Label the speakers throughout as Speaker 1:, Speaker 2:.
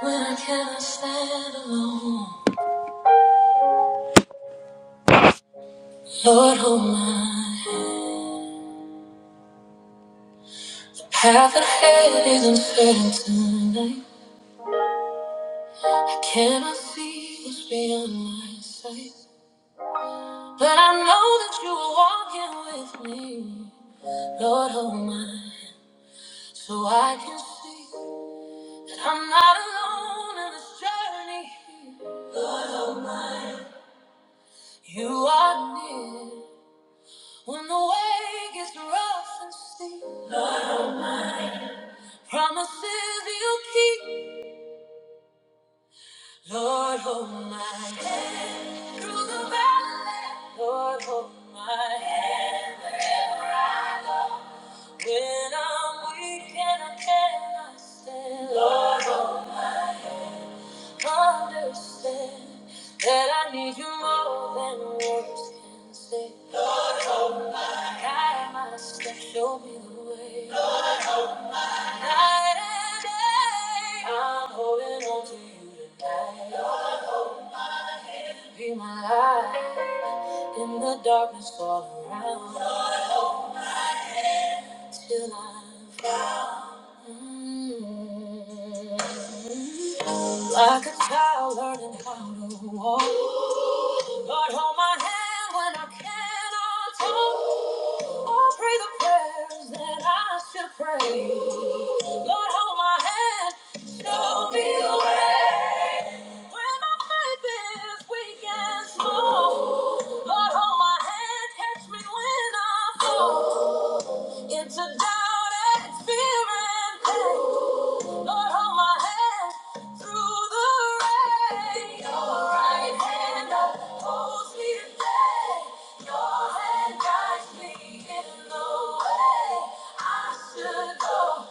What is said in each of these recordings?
Speaker 1: When I cannot stand alone, Lord, hold my hand. The Path ahead is uncertain tonight. I cannot see what's beyond my sight. But I know that you are walking with me. Lord, hold my hand so I can see that I'm not alone in this journey. You are near when the way gets rough and steep. Promises you keep. Lord, hold my hand through the valley. Lord, hold my hand when I'm weak and I cannot stand. Lord, understand that I need you more than words can say. Guide my steps, show me the way. Lord, night and day, I'm holding on to you tonight. Be my light in the darkness all around. Still I. am Like a child learning how to walk. Lord, hold my hand when I cannot talk. Or pray the prayers that I should pray. Lord, hold my hand. Show me the way. When my faith is weak and small. Lord, hold my hand. Catch me when I fall into doubt and fear and pain. Lord, hold my hand through the rain. Your right hand upholds me today. Your hand guides me in the way I should go.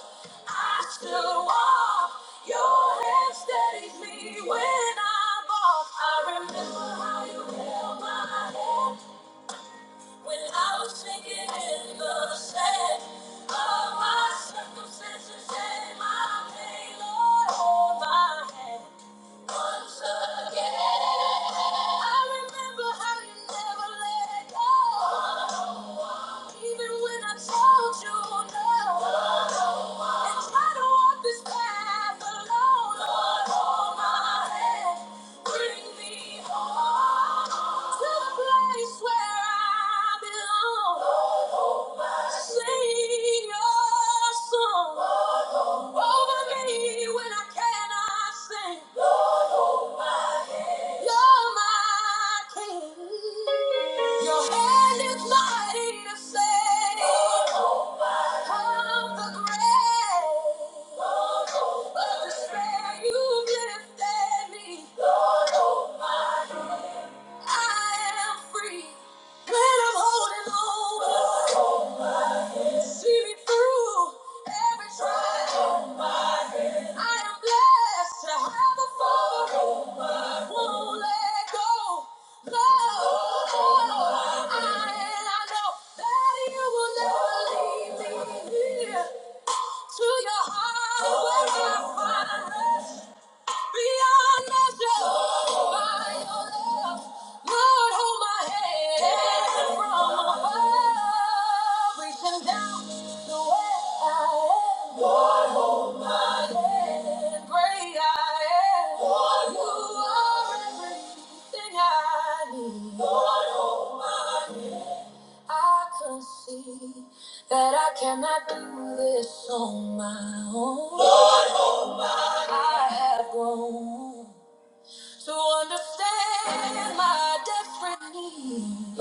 Speaker 1: I should walk. Your hand steadies me when I walk. I remember how you held my hand. When I was sinking in the sand, all my circumstances and my pain, Lord, hold my hand. Once again, I remember how you never let go. Even when I told you no, and tried to walk this path alone. Lord, hold my hand, bring me home to the place where I belong. Sing your song over me when I cannot sing. You're my king. Your hand is mighty to save. Of the grave, of despair, you've lifted me. I am free when I'm holding on. See me through every trial. I am blessed to have a father. won't let go. No, I, and I know that you will never leave me here. To your heart, where I find rest beyond measure by your love. Lord, hold my hand from above, reaching down to where I am. I can see that I cannot do this on my own. I have grown to understand my desperate need.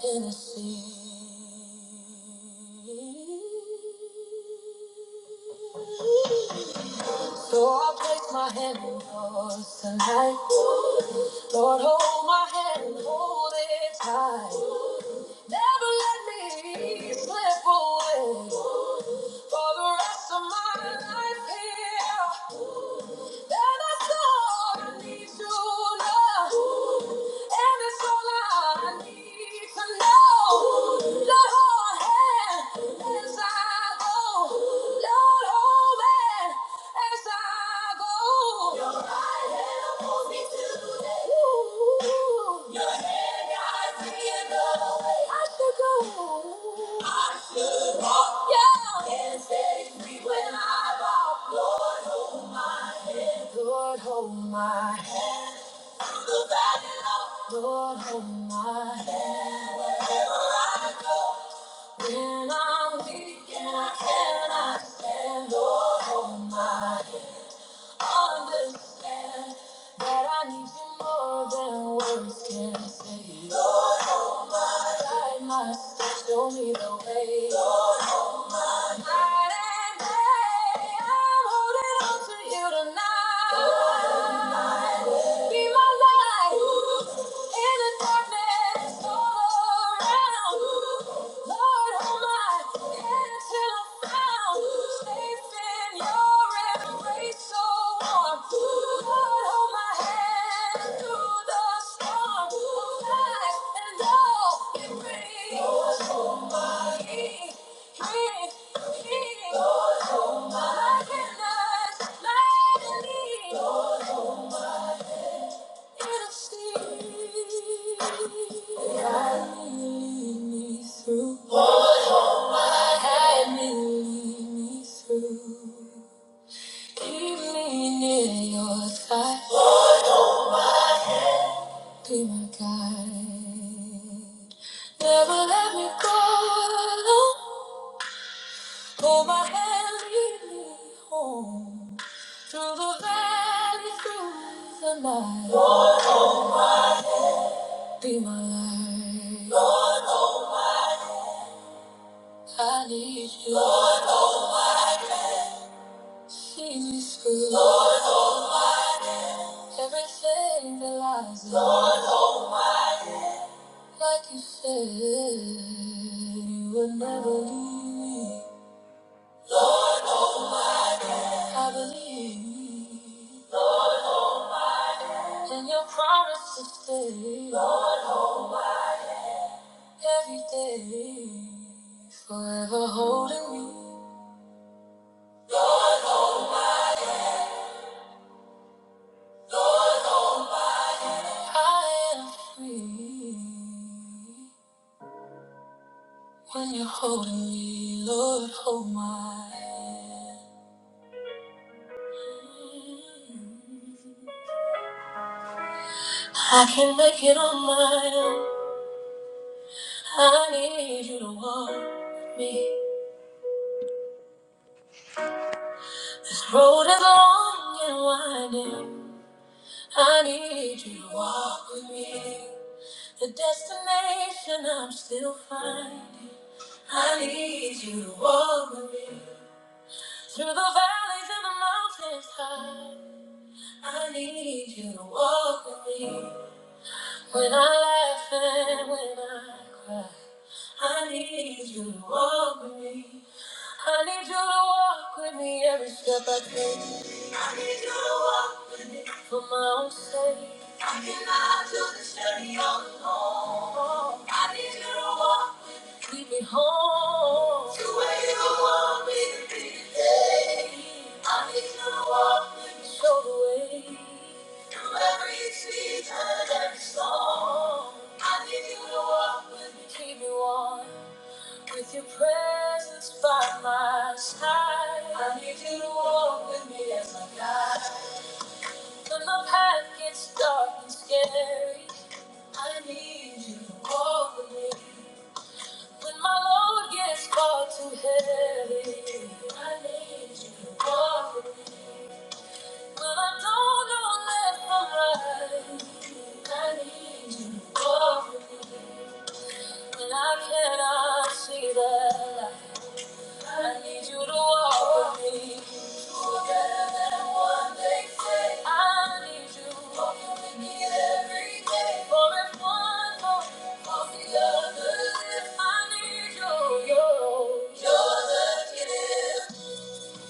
Speaker 1: Tennessee. So I'll place my hand in yours tonight. Lord, hold my hand and hold it tight. Never let me slip away. For the rest of my life here, that I all I need to know. And it's all I need to know. Lord, hold hand as I go. Lord, hold hand as I go. Your right hand hold me to the Ooh. Your hand guides me in the way I should go. I should walk. Yeah. And stay free when I walk. Lord, hold my hand. Lord, hold my Lord, hold my hand. When I'm weak and I cannot stand, Lord, hold my hand. Understand that I need you more than words can say. Lord, guide my steps, show me the way. Lord, night and day, I'm holding on to you tonight. Lord, hold my Be my light in the darkness all around. Lord, hold my head until I'm found. Safe in your embrace, so warm. Lord, hold my hand through the storm. Life and all it brings. Lord, hold my hand. King, King, Lord, hold my hand. Be my guide. Never let me go. Hold my hand, lead me home. Through the valley, through the night. Be my light. I need you. See me through. Everything that lies low, like you said, you would never leave me. I believe in your promise to stay every day, forever holding me. I am free when you're holding me, Lord, hold my hand. I can make it on my own. I need you to walk with me. This road is long and winding. I need you to walk with me. The destination I'm still finding. I need you to walk with me. Through the valleys and the mountains high. I need you to walk with me. When I laugh and when I cry, I need you to walk with me. I need you to walk with me every step I take. I need you to walk with me for my own sake. I cannot do this journey on my own. I need you to walk. Lead me home. To where you want me to be today. I need you to walk with me. Show the way. Through every season, every storm. I need you to walk with me. Keep me warm. With your presence by my side. I need you to walk with me as my guide. When the path gets dark and scary. I need you to walk with me. When my load gets far too heavy, I need you to walk with me. When I don't know left from right, I need you to walk with me. When I cannot see the light. I need you to walk with me. You're Better than what they say. I need you walking with me every day. For if one falls, falls the other lift. I need you. You're, you're the gift.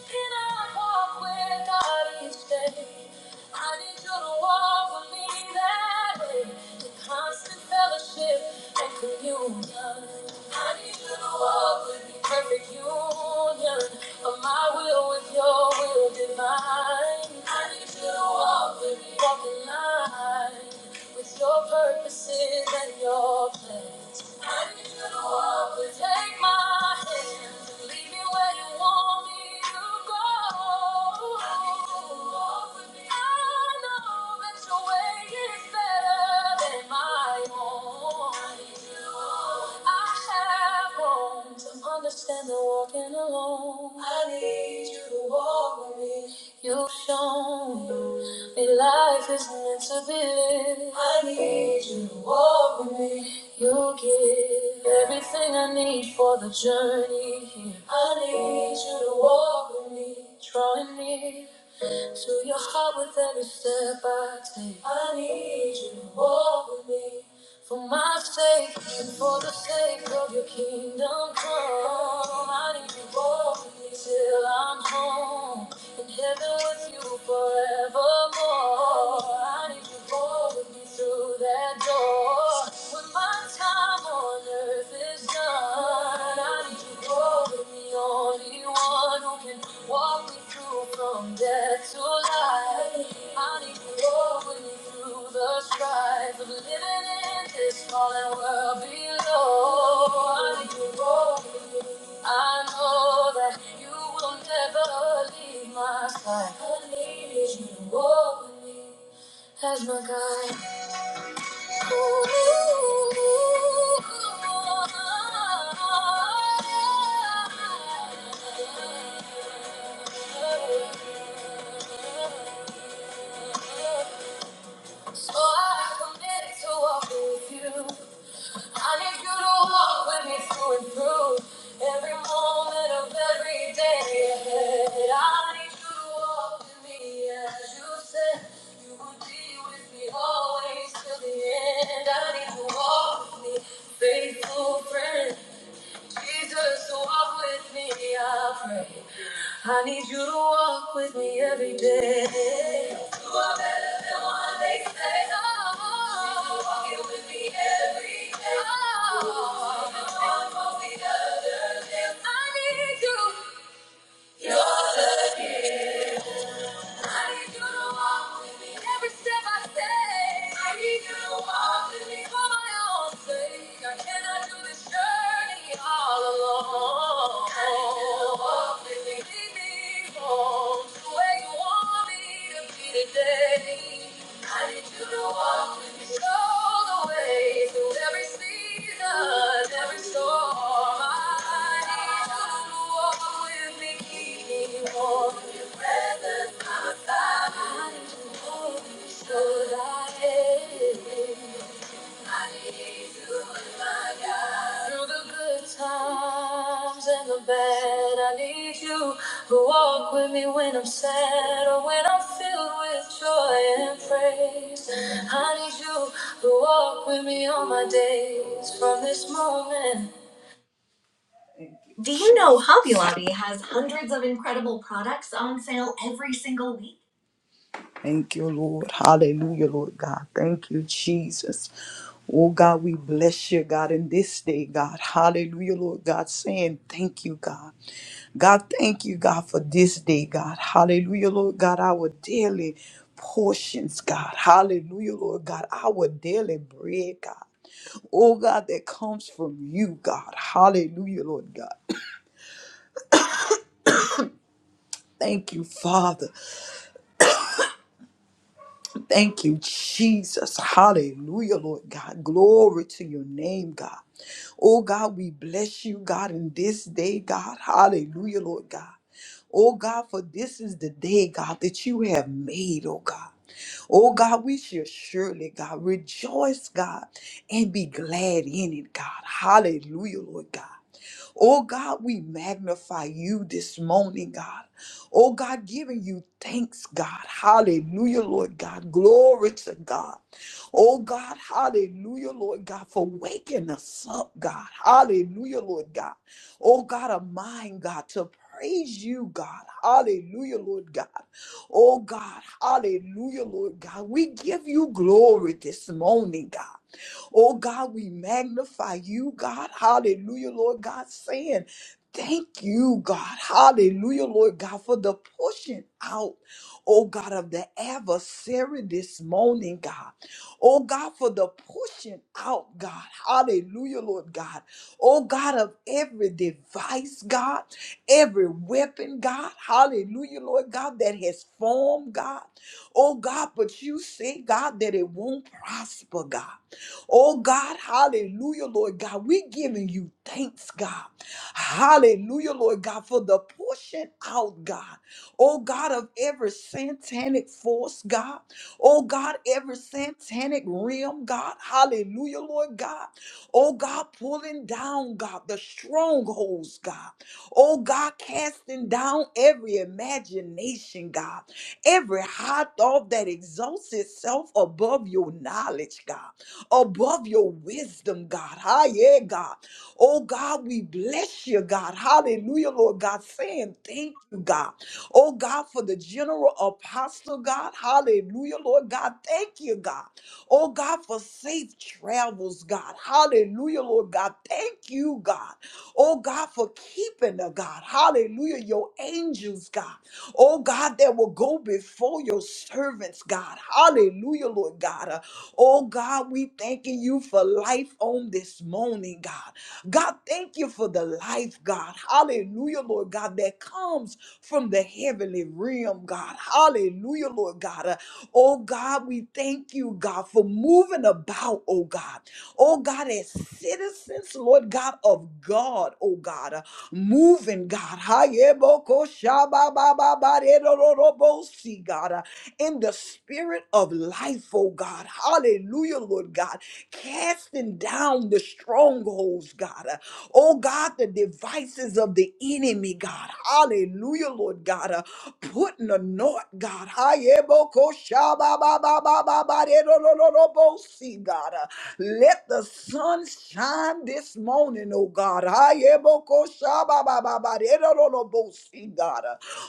Speaker 1: Cannot walk without each day. I need you to walk with me that way. In constant fellowship and communion. I need you to walk with me. Perfect union of my will with your will divine. I need you to walk with me. Walk in line with your purposes and your plans. I need you to walk and take my hand. Lead me where you want me to go. I know that your way is better than my own. I have grown to understand that walking alone. I need you to walk with me. You've shown me life is meant to be lived. I need you to walk with me. You give everything I need for the journey. here. I need you to walk with me, drawing me. Fill your heart with every step I take. I need you to walk with me. For my sake and for the sake of your kingdom come. I need you to walk with me till I'm home. In heaven with you forevermore. I need you to walk with me through that door. When my time on earth is done, I need you to you're the only one who can walk me through from death to life. I need you over me through the strife of living in this fallen world below. I need you over me. I know that you will never leave my side. I need you over me as my guide. So I committed to walk with you. I need you to walk with me through and through. Every moment of every day ahead. I need you to walk with me as you said. You would be with me always till the end. I need you to walk with me, faithful friend. Jesus, so walk with me, I pray. I need you to walk with me every day. You are better than what they say. Oh, Jesus, walking with me every day. Oh, one more the other day. I need you. You're the gift. I need you to walk with me every step I take. I need you to walk with me for my own sake. I cannot do this journey all alone. I need you to walk with me. Lead me home to where you want me to be today. I need you to walk with me all the way through every season, every storm. I need you to walk with me, keep me warm. Your presence by my side. I need you to hold me so that I am. Through the good times and the bad, I need you who walk with me when I'm sad or when I'm filled with joy and praise. I need you who walk with me all my days from this moment. Hundreds of incredible products on sale every single week. Thank you, Lord. Hallelujah, Lord God. Thank you, Jesus. Oh God, we bless you, God, in this day, God. Hallelujah, Lord God, saying thank you, God. God, thank you, God, for this day, God. Hallelujah, Lord God, our daily portions, God. Hallelujah, Lord God, our daily bread, God. Oh God, that comes from you, God. Hallelujah, Lord God. Thank you, Father. Thank you, Jesus. Hallelujah, Lord God. Glory to your name, God. Oh God, we bless you, God, in this day, God. Hallelujah, Lord God. Oh God, for this is the day, God, that you have made, oh God. Oh God, we shall surely, God, rejoice, God, and be glad in it, God. Hallelujah, Lord God. Oh God, we magnify you this morning, God. Oh God, giving you thanks, God. Hallelujah, Lord God. Glory to God. Oh God, hallelujah, Lord God, for waking us up, God. Hallelujah, Lord God. Oh God of mine, God, to praise you, God. Hallelujah, Lord God. Oh God, hallelujah, Lord God. We give you glory this morning, God. Oh God, we magnify you, God. Hallelujah, Lord God, saying, Thank you, God. Hallelujah, Lord God, for the pushing out, oh God, of the adversary this morning, God. Oh God, for the pushing out, God. Hallelujah, Lord God. Oh God, of every device, God, every weapon, God. Hallelujah, Lord God, that has formed, God. Oh God, but you say, God, that it won't prosper, God. Oh God, hallelujah, Lord God. We're giving you thanks, God. Hallelujah, Lord God, for the pushing out, God. Oh God, of every satanic force, God. Oh God, every satanic realm, God. Hallelujah, Lord God. Oh God, pulling down, God, the strongholds, God. Oh God, casting down every imagination, God. Every high thought that exalts itself above your knowledge, God above your wisdom, God. Ah, yeah, God. Oh, God, we bless you, God. Hallelujah, Lord God. Saying thank you, God. Oh, God, for the general apostle, God. Hallelujah, Lord God. Thank you, God. Oh, God, for safe travels, God. Hallelujah, Lord God. Thank you, God. Oh, God, for keeping her, God. Hallelujah, your angels, God. Oh, God, that will go before your servants, God. Hallelujah, Lord God. Uh, Oh God, we thanking you for life on this morning, God. God, thank you for the life, God. Hallelujah, Lord God, that comes from the heavenly realm, God. Hallelujah, Lord God. Uh, Oh God, we thank you, God, for moving about, oh God. Oh God, as citizens, Lord God, of God, oh God, uh, moving, God. Hayebokoshababababaredororobosi, God. Uh, in the spirit of life, oh God. Hallelujah, Lord God. Casting down the strongholds, God. Uh, Oh God, the devices of the enemy, God. Hallelujah, Lord God. Uh, Putting a knot, God. Hayebokoshababababababaredololobosi, God. Uh, Let the sun shine this morning, oh God. Hayebokoshababababaredololobosi, God.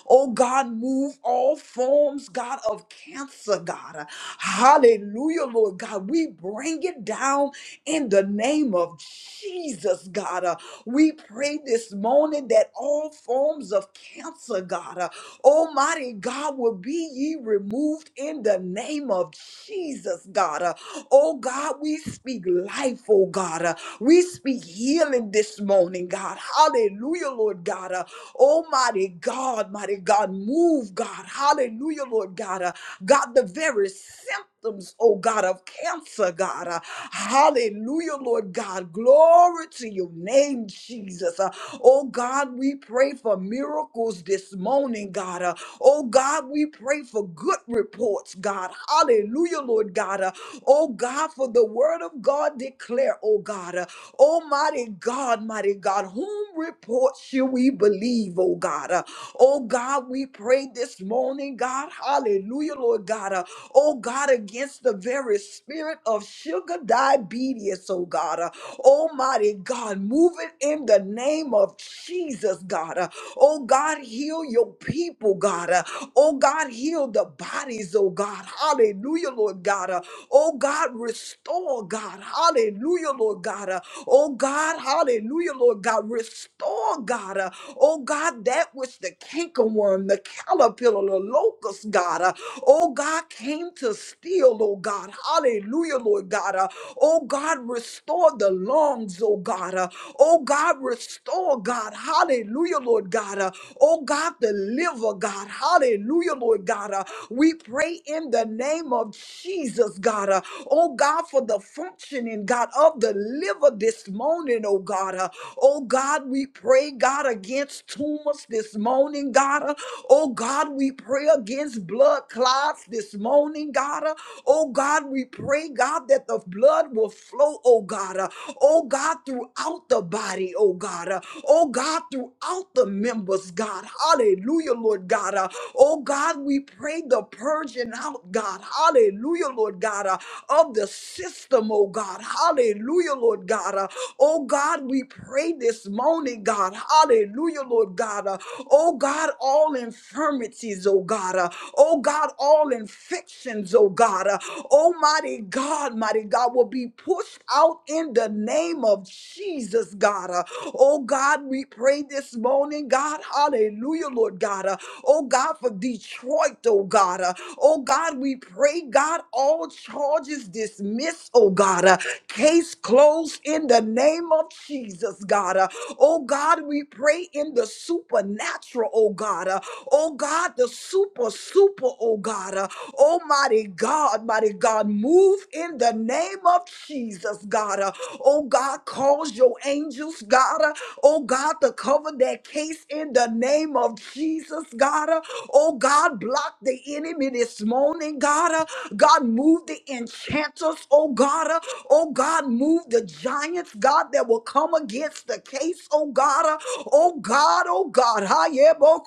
Speaker 1: Oh God, move all forms, God, of cancer, God. Hallelujah, Lord God. We bring it down in the name of Jesus, God. Uh, We pray this morning that all forms of cancer, God, uh, Almighty God, will be ye removed in the name of Jesus, God. Uh, Oh God, we speak life, oh God. Uh, We speak healing this morning, God. Hallelujah, Lord God. Almighty God, mighty God, move, God. Hallelujah, Lord God. Uh, God, the very symptoms, oh God, of cancer, God. Uh, hallelujah, Lord God. Glory to your name, Jesus. Uh, oh God, we pray for miracles this morning, God. Uh, Oh God, we pray for good reports, God. Hallelujah, Lord God. Uh, Oh God, for the word of God declare, oh God. Uh, Almighty God, mighty God, whom reports shall we believe, oh God? Uh, Oh God, we pray this morning, God. Hallelujah, Lord God. Uh, Oh God, against the very spirit of sugar diabetes, oh God. Uh, Almighty God, move it in the name of Jesus, God. God. Uh, Oh God, heal your people, God. Uh, Oh God, heal the bodies, oh God. Hallelujah, Lord God. Uh, Oh God, restore, God. Hallelujah, Lord God. Uh, Oh God, hallelujah, Lord God. Restore, God. Uh, Oh God, that which the cankerworm, the caterpillar, the locust, God. Uh, Oh God, came to steal, oh God. Hallelujah, Lord God. Uh, Oh God, restore the lungs, oh God. Uh, uh, oh God, restore, God. Hallelujah, Lord God. Uh, oh God, deliver, God. Hallelujah, Lord God. Uh, we pray in the name of Jesus, God. Uh, oh God, for the functioning, God, of the liver this morning, oh God. Uh, oh God, we pray, God, against tumors this morning, God. Uh, oh God, we pray against blood clots this morning, God. Uh, oh God, we pray, God, that the blood will will flow, oh God. Uh, oh God, throughout the body, oh God. Uh, oh God, throughout the members, God. Hallelujah, Lord God. Uh, oh God, we pray the purging out, God. Hallelujah, Lord God, uh, of the system, oh God. Hallelujah, Lord God. Uh, oh God, we pray this morning, God. Hallelujah, Lord God. Uh, oh God, all infirmities, oh God. Uh, oh God, all infections, oh God. God. Uh, Almighty God, mighty God, will be pushed out in the name of Jesus, God. Uh, Oh God, we pray this morning, God. Hallelujah, Lord God. Uh, Oh God, for Detroit, oh God. Uh, Oh God, we pray, God, all charges dismissed, oh God. Uh, Case closed in the name of Jesus, God. Uh, Oh God, we pray in the supernatural, oh God. Uh, Oh God, the supernatural super, super, oh God. Uh, Almighty God, mighty God, move in the name of Jesus, God. Uh, Oh God, cause your angels, God. Uh, Oh God, to cover that case in the name of Jesus, God. Uh, Oh God, block the enemy this morning, God. Uh, God, move the enchanters, oh God. Uh, Oh God, move the giants, God, that will come against the case, oh God. Uh, Oh God, oh God. Ha ye bo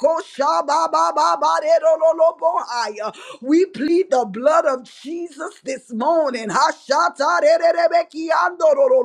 Speaker 1: ba ba ba ba lo lo bo We plead the blood of Jesus this morning. Ha sha ta de de de be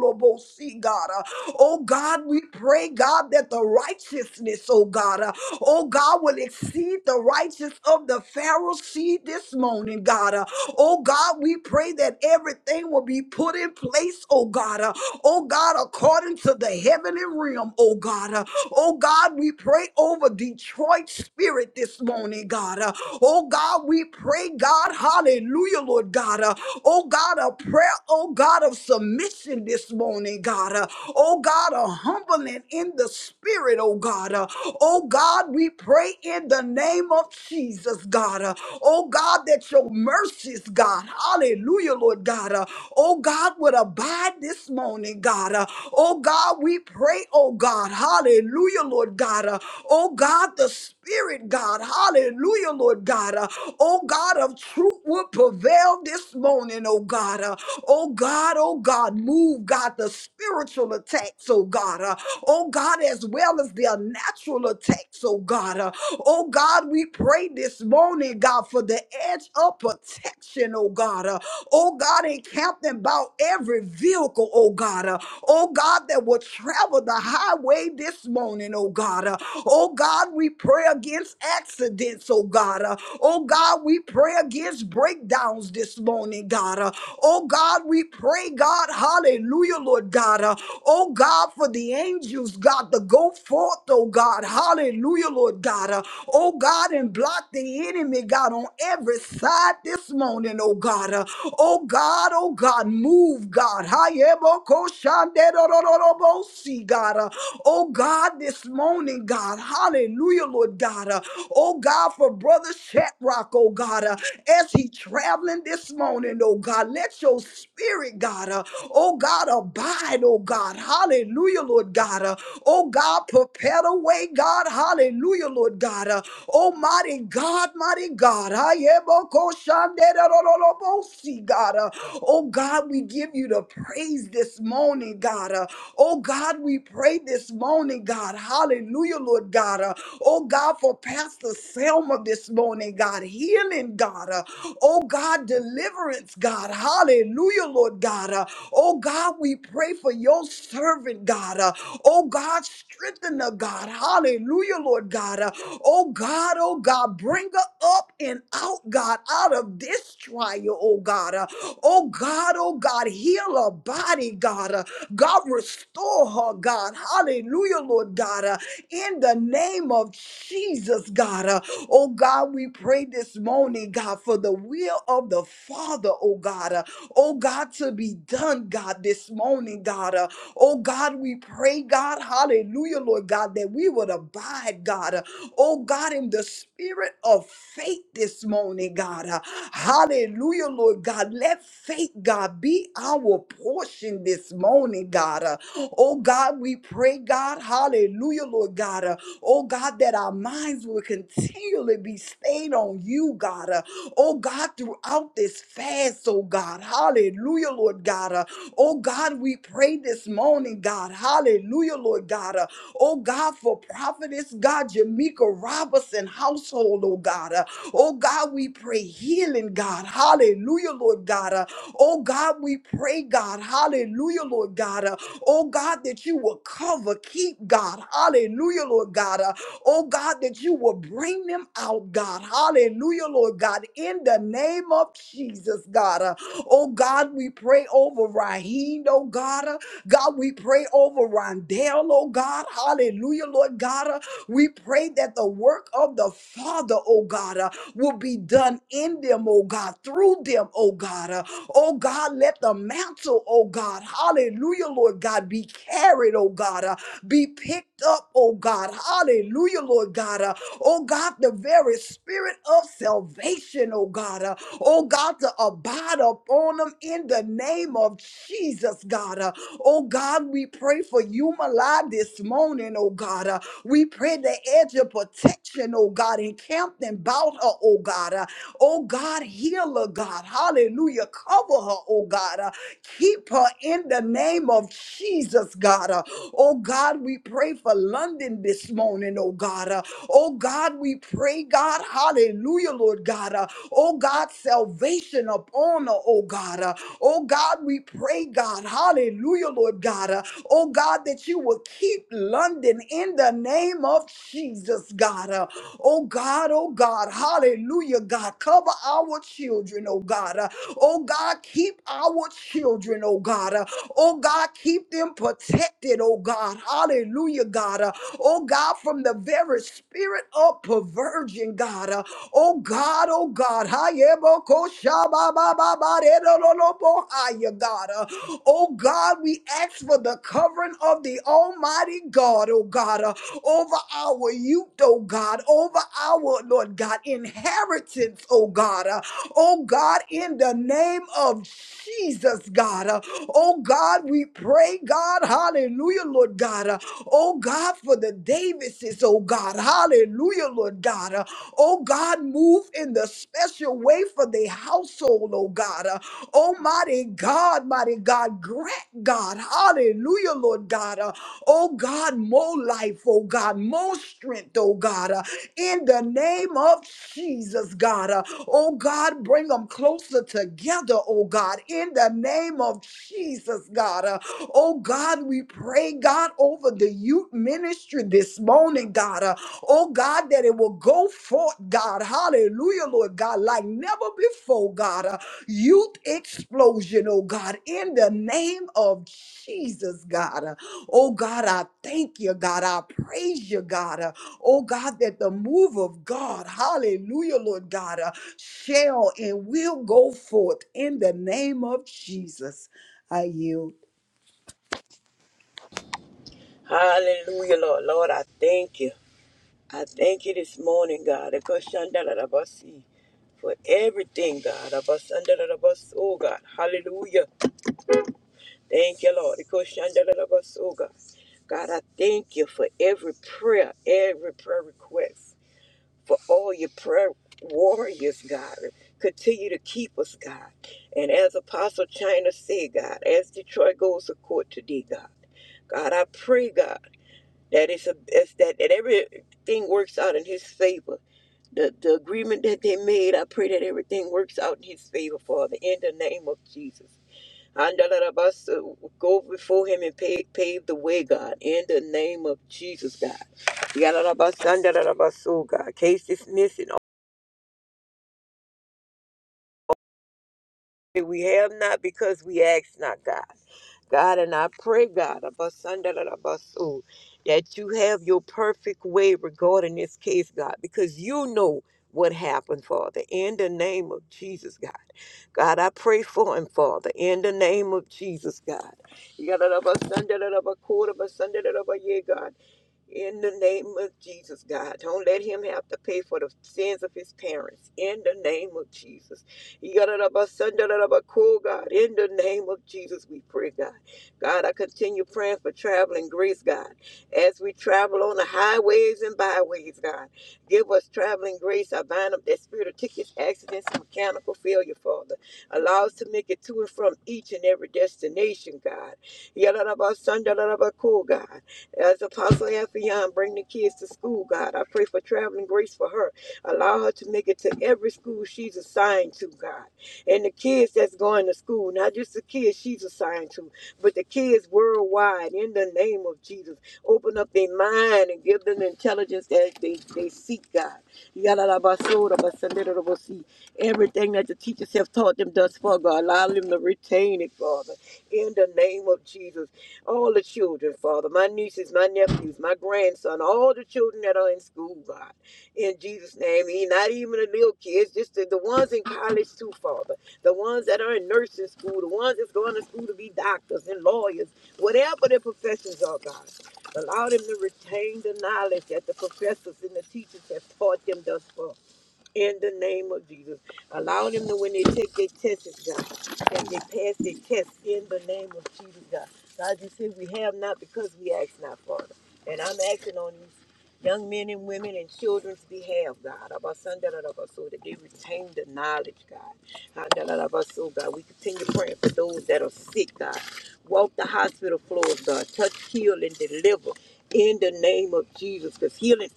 Speaker 1: lo bo si, God. Uh, Oh God, we pray, God, that the righteousness, oh God, uh, oh God, will exceed the righteousness of the Pharisee this morning, God. Uh, Oh God, we pray that everything will be put in place, oh God. Uh, Oh God, according to the heavenly spirit realm, oh God. Uh, Oh God, we pray over Detroit spirit this morning, God. Uh, Oh God, we pray, God, hallelujah, Lord God. Uh, Oh God, a prayer, oh God, of submission this morning, God. Uh, Oh God, a humbling in the spirit, oh God. Uh, Oh God, we pray in the name of Jesus, God. Uh, Oh God, that your mercies, God, hallelujah, Lord God. Uh, Oh God, would abide God, this morning, God. Uh, oh, God, we pray, oh, God. Hallelujah, Lord God. Uh, oh, God, the Spirit, God. Hallelujah, Lord God. Uh, oh, God of truth will prevail this morning, oh, God. Uh, oh, God, oh, God, move, God, the spiritual attacks, oh, God. Uh, oh, God, as well as their natural attacks, oh, God. Uh, oh, God, we pray this morning, God, for the edge of protection, oh, God. Uh, Oh God, encamp them about every vehicle, oh God. Uh, oh God, that will travel the highway this morning, oh God. Uh, oh God, we pray against accidents, oh God. Uh, oh God, we pray against breakdowns this morning, God. Uh, oh God, we pray, God, hallelujah. Hallelujah, Lord God. Uh, oh God, for the angels, God, to go forth, oh God. Hallelujah, Lord God. Uh, oh God, and block the enemy, God, on every side this morning, oh God. Uh, oh God, oh God, move, God. Hayebokoshanderororobosi, God. Uh, oh God, this morning, God. Hallelujah, Lord God. Uh, oh God, for Brother Shetrock, oh God. Uh, as he traveling this morning, oh God. Let your spirit, God, uh, oh God, abide, oh God. Hallelujah, Lord God. Uh, oh God, prepare the way, God. Hallelujah, Lord God. Uh, Almighty God, mighty God. I am a koshanderololobosi, God. Uh, Oh God, we give you the praise this morning, God. Uh, Oh God, we pray this morning, God. Hallelujah, Lord God. Uh, oh God, for Pastor Selma this morning, God. Healing, God. Uh, oh God, deliverance, God. Hallelujah, Lord God. Uh, oh God, we pray for your servant, God. Uh, oh God, strengthen her, God. Hallelujah, Lord God. Uh, oh God, oh God, bring her up and out, God, out of this trial, oh God. Uh, oh God, oh God, heal her body, God. Uh, God, restore her, God. Hallelujah, Lord God. Uh, in the name of Jesus, God. Uh, oh, God, we pray this morning, God, for the will of the Father, oh, God. Uh, oh, God, to be done, God, this morning, God. Uh, oh, God, we pray, God. Hallelujah, Lord God, that we would abide, God. Uh, Oh God, in the spirit of faith this morning, God. Uh, Hallelujah, Lord God. Let faith, God, be our portion this morning, God. Uh, Oh God, we pray, God. Hallelujah, Lord God. Uh, Oh God, that our minds will continually be stayed on you, God. Uh, Oh God, throughout this fast, oh God. Hallelujah, Lord God. Uh, Oh God, we pray this morning, God. Hallelujah, Lord God. uh, Oh God, for prophetess, God, Jamaica Robinson household, oh God. Uh, Oh God, we pray healing, God. Hallelujah, Lord God. Uh, Oh God, we pray, God. Hallelujah, Lord God. Uh, Oh God, that you will cover, keep, God. Hallelujah, Lord God. Uh, Oh God, that you will bring them out, God. Hallelujah, Lord God. In the name of Jesus, God. Uh, Oh God, we pray over Raheem, oh God. God, we pray over Rondell, oh God. Hallelujah, Lord God. Uh, We pray that the work of the Father, oh God, uh, will be done in them, oh God, through them, oh God. Uh, Oh God, let the mantle, oh God, hallelujah, Lord God, be carried, oh God, uh, be picked up, oh God, hallelujah, Lord God. Uh, Oh God, the very spirit of salvation, oh God, uh, oh God, to abide upon them in the name of Jesus, God. Uh, Oh God, we pray for Yumala this morning, oh God. Uh, we pray the edge of protection, oh God, encamped and about her, oh God. Uh, oh God, heal her, God. Hallelujah. Cover her, oh God. Uh, Keep her in the name of Jesus, God. Uh, Oh God, we pray for London this morning, oh God. Uh, Oh God, we pray, God, hallelujah, Lord God. Uh, Oh God, salvation upon her, oh God. Uh, Oh God, we pray, God, hallelujah, Lord God. Uh, Oh God, that you will keep London in the name of Jesus, God. Uh, Oh God, oh God, hallelujah, God. Cover our children, oh God. Uh, Oh God, keep our children, oh God. Uh, Oh God, keep them protected, oh God. Hallelujah, God. Uh, Oh God, from the very spirit of perversion, God. Uh, Oh God, oh God. Hayebokoshababababaredolobohaya, God. Uh, Oh God, we ask for the covering of the Almighty God, oh God, uh, over our youth, oh God, over our, Lord God, inheritance, oh God. Oh God, in the name of Jesus, God. Uh, Oh God, we pray, God. Hallelujah, Lord God. Uh, Oh God, for the Davises, oh God. Hallelujah, Lord God. Uh, Oh God, move in the special way for the household, oh God. Uh, Almighty God, mighty God, grant God. Hallelujah, Lord God. Uh, Oh God, more life, oh God, more strength, oh God. Uh, in the name of Jesus, God. Uh, oh God, bring them closer together, oh God, in the name of Jesus, God. Uh, Oh God, we pray, God, over the youth ministry this morning, God. Uh, oh God, that it will go forth, God. Hallelujah, Lord God, like never before, God. Uh, youth explosion, oh God, in the name of Jesus, God. Uh, oh God, I thank you, God. I praise you, God. Uh, oh God, that the move of God, hallelujah, Lord God, uh, shall and will go forth in the name of Jesus. I yield.
Speaker 2: Hallelujah, Lord. Lord, I thank you. I thank you this morning, God. Ekoshandarabasi, For everything, God. Abasandarabaso, Oh, God. Hallelujah. Thank you, Lord. Ekoshandarabasi, Oh, God. God, I thank you for every prayer, every prayer request, for all your prayer warriors, God. Continue to keep us, God. And as Apostle China said, God, as Detroit goes to court today, God, God, I pray, God that it's a it's that, that everything works out in his favor. The the agreement that they made, I pray that everything works out in his favor, Father, in the name of Jesus. us go before him and pave, pave the way, God, in the name of Jesus, God. Yadalabas, andalabas, oh God. Case dismissed We have not because we ask not, God. God, and I pray, God, abasandalabasu, that you have your perfect way regarding this case, God, because you know what happened, Father, in the name of Jesus, God. God, I pray for him, Father, in the name of Jesus, God. Yadalabasandalabakurabasandalabaye, God. In the name of Jesus, God. Don't let him have to pay for the sins of his parents. In the name of Jesus. Cool God, in the name of Jesus, we pray, God. God, I continue praying for traveling grace, God, as we travel on the highways and byways, God. Give us traveling grace. I bind up that spirit of tickets, accidents, and mechanical failure, Father. Allow us to make it to and from each and every destination, God. Cool God. As Apostle Ephion bring the kids to school, God, I pray for traveling grace for her Allow her to make it to every school she's assigned to, God. And the kids that's going to school, not just the kids she's assigned to, but the kids worldwide, in the name of Jesus. Open up their mind and give them the intelligence that they, they seek, God. Yalalabasodabasandarabosi. Everything that the teachers have taught them thus far, God, allow them to retain it, Father, in the name of Jesus all the children, Father, my nieces, my nephews, my grandson, all the children that are in school, God in Jesus' name. E- Not even the little kids, just the, the ones in college too, Father. The ones that are in nursing school, the ones that's going to school to be doctors and lawyers, whatever their professions are, God. Allow them to retain the knowledge that the professors and the teachers have taught them thus far in the name of Jesus. Allow them to, when they take their tests, God, that they pass their tests in the name of Jesus, God. God, you said we have not because we ask not, Father. And I'm acting on these young men and women and children's behalf, God. Abasan da da So that they retain the knowledge, God. Ah, da da So, God, we continue praying for those that are sick, God. Walk the hospital floors, God. Touch, heal, and deliver in the name of Jesus. Because healing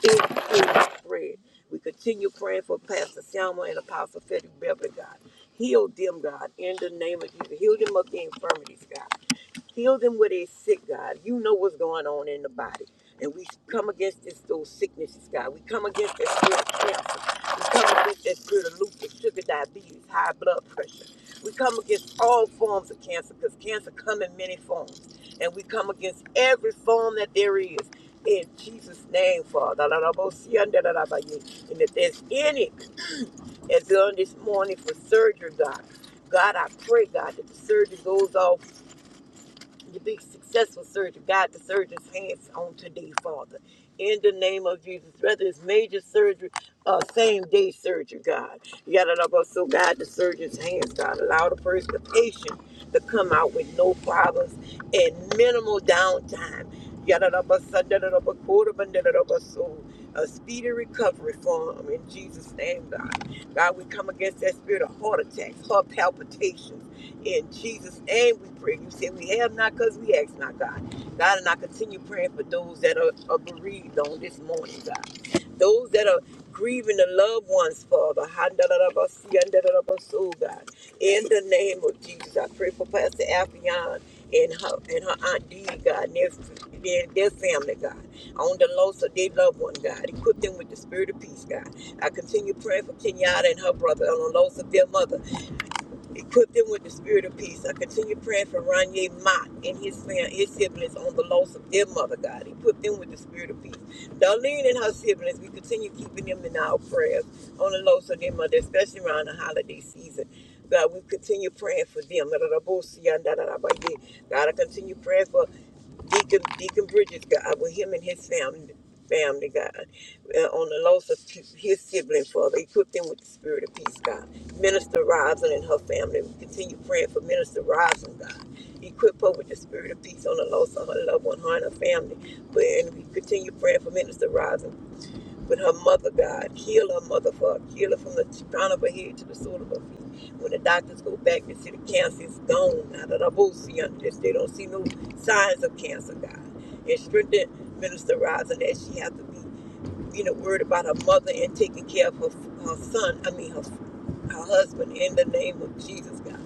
Speaker 2: it is spread. We continue praying for Pastor Selma and Apostle Frederick Beverly, God. Heal them, God, in the name of Jesus. Heal them of the infirmities, God. Heal them where they're sick, God. You know what's going on in the body. And we come against this, those sicknesses, God. We come against that spirit of cancer. We come against that spirit of lupus, sugar diabetes, high blood pressure. We come against all forms of cancer because cancer come in many forms. And we come against every form that there is. In Jesus' name, Father. And if there's any that's done this morning for surgery, God, God, I pray, God, that the surgery goes off to be successful surgery, God, the surgeon's hands on today, Father. In the name of Jesus, whether it's major surgery or same day surgery, God. You got to know so God, the surgeon's hands, God. Allow the person, the patient, to come out with no problems and minimal downtime. You got to know so da- da- da- ba- quarter, ba- da- da- da- ba- so a speedy recovery for him in Jesus' name, God. God, we come against that spirit of heart attacks, heart palpitations. In Jesus' name we pray. You said we have not because we ask not, God. God, and I continue praying for those that are, are bereaved on this morning, God. Those that are grieving the loved ones, Father. Handarabasi, andarabaso, God. In the name of Jesus, I pray for Pastor Affion and her and her Aunt Dee, God, and their, their, their family, God. On the loss of their loved one, God. Equip them with the spirit of peace, God. I continue praying for Kenyatta and her brother on the loss of their mother. Equip them with the spirit of peace. I continue praying for Ronye Mott and his family, his siblings on the loss of their mother, God. Equip them with the spirit of peace. Darlene and her siblings, we continue keeping them in our prayers on the loss of their mother, especially around the holiday season. God, we continue praying for them. God, I continue praying for Deacon Deacon Bridges, God, with him and his family, family, God, uh, on the loss of t- his sibling, Father, equip them with the spirit of peace, God. Minister Roslyn and her family, we continue praying for Minister Roslyn, God. Equip her with the spirit of peace on the loss of her loved one, her and her family. But, and we continue praying for Minister Roslyn but her mother, God, heal her mother, for heal her from the crown of her head to the sole of her feet. When the doctors go back, they see the cancer is gone now that I both see under this. They don't see no signs of cancer, God. And strengthen Minister Rising that she has to be, you know, worried about her mother and taking care of her, her son, I mean, her her husband in the name of Jesus, God.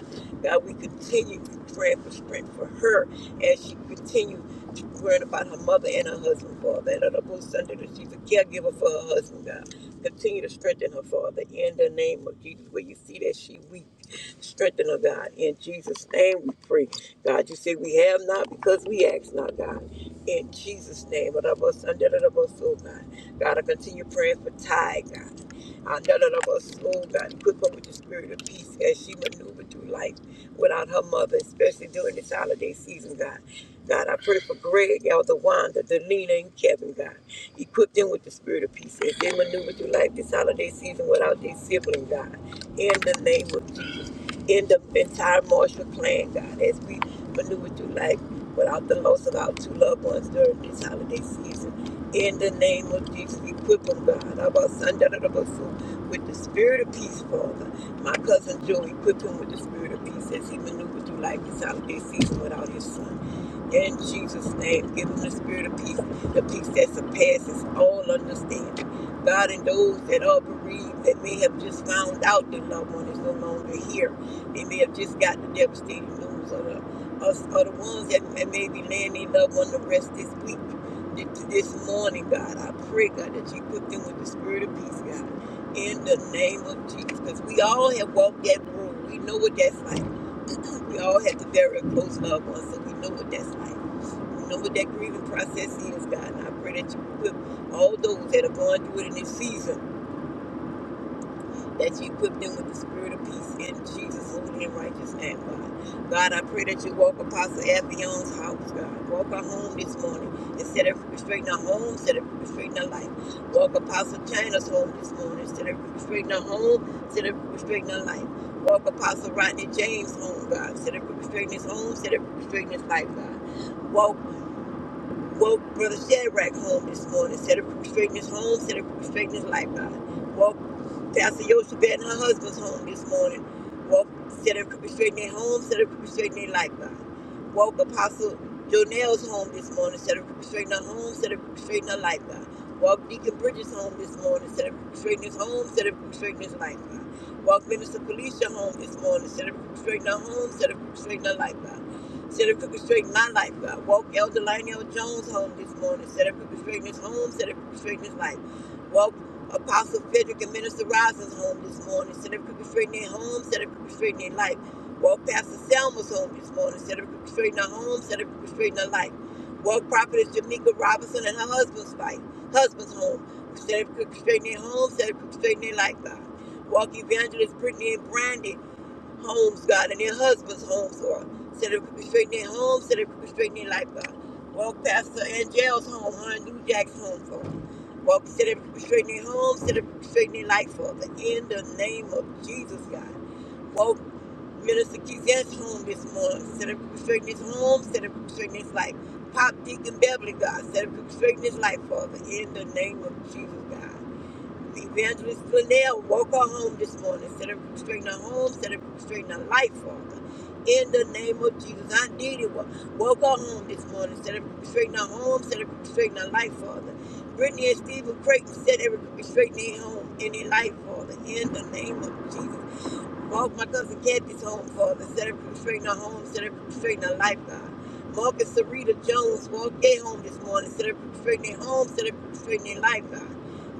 Speaker 2: God, we continue to pray for strength for her as she continues to worrying about her mother and her husband, Father. And her both Sunday that she's a caregiver for her husband, God. Continue to strengthen her, Father, in the name of Jesus. Where you see that she weak, strengthen her, God. In Jesus' name we pray. God, you say we have not because we ask not, God. In Jesus' name, her both Sunday, her both soul, God. God, I continue praying for Ty, God. Andalabas, oh God, equip her with the spirit of peace as she maneuvered through life without her mother, especially during this holiday season, God. God, I pray for Greg, Elder Wanda, Delina, and Kevin, God. Equip them with the spirit of peace as they maneuver through life this holiday season without their sibling, God. In the name of Jesus. In the entire Marshall clan, God, as we maneuver through life without the loss of our two loved ones during this holiday season in the name of Jesus. Equip them, God. About Sunday, with the spirit of peace, Father. My cousin Joe, equip him with the spirit of peace as he maneuvered through life this holiday season without his son. In Jesus' name, give him the spirit of peace, the peace that surpasses all understanding. God, and those that are bereaved, that may have just found out their loved one is no longer here, they may have just got the devastating news, or the, or the ones that may be laying their loved one to rest this week this morning, God. I pray, God, that you put them with the spirit of peace, God, in the name of Jesus. Because we all have walked that road. We know what that's like. we all have to bury a close loved one, so we know what that's like. We know what that grieving process is, God. And I pray that you equip all those that are going through it in this season that you equip them with the spirit of peace in Jesus' holy and righteous name, God. God, I pray that you walk Apostle Aphion's house, God. Walk her home this morning and set her free, straighten her home, set her free, straighten her life. Walk Apostle China's home this morning, set her free, straighten her home, set her free, straighten her life. Walk Apostle Rodney James' home, God. Set her free, straighten his home, set her free, straighten his life, God. Walk, walk Brother Shadrach home this morning, set her free, straighten his home, set her free, straighten his life, God. Woke Pastor Yoshebet and her husband's home this morning. Woke, set her crooked straight in their home, set her crooked straight in their lifeline. Woke Apostle Jonell's home this morning, set her crooked straight in her home, set her crooked straight in her lifeline. Woke Deacon Bridges' home this morning, set her straightening his home, set her straightening his lifeline. Walk, Minister Felicia home this morning, set her straightening straight her home, set her straightening straight in her lifeline. Set her straightening my lifeline. Walk, Elder Lionel Jones home this morning, set her straightening his home, set her straightening his life. Walk. Apostle Frederick and Minister Rosin's home this morning. Set up crooked straight in their home, set up crooked straight in their life. Walk Pastor Selma's home this morning. Set up crooked straight in her home, set up crooked straight in her life. Walk Prophetess Jamaica Robinson and her husband's fight, husband's home. Set up crooked straight in their home, set up crooked straight in their life, God. Walk Evangelist Brittany and Brandy homes, God, and their husbands' homes, or set up people straight in their homes, set up people straight in their life, God. Walk past Pastor Angel's home, her and New Jack's home, Father. Walk, set up people straight in their homes, set up people straight in their life, Father. In the name of Jesus, God. Walk Minister Keith's home this morning, set up people straight in his home, set up people straight in his life. Pop Deacon Beverly, God, set up people straight in his life, Father. In the name of Jesus, God. Evangelist Glenelle woke her home this morning, set her straighten her home, set her straighten her life, Father. In the name of Jesus, I did it. Wo- Woke her home this morning, set her straighten her home, set her straighten her life, Father. Brittany and Stephen Creighton set every straighten their home in their life, Father. In the name of Jesus. Walk my cousin Kathy's home, Father. Set her straighten her home, set her straighten her life, God. Mark and Sarita Jones walked their home this morning, set her straighten their home, set her straighten their life, God.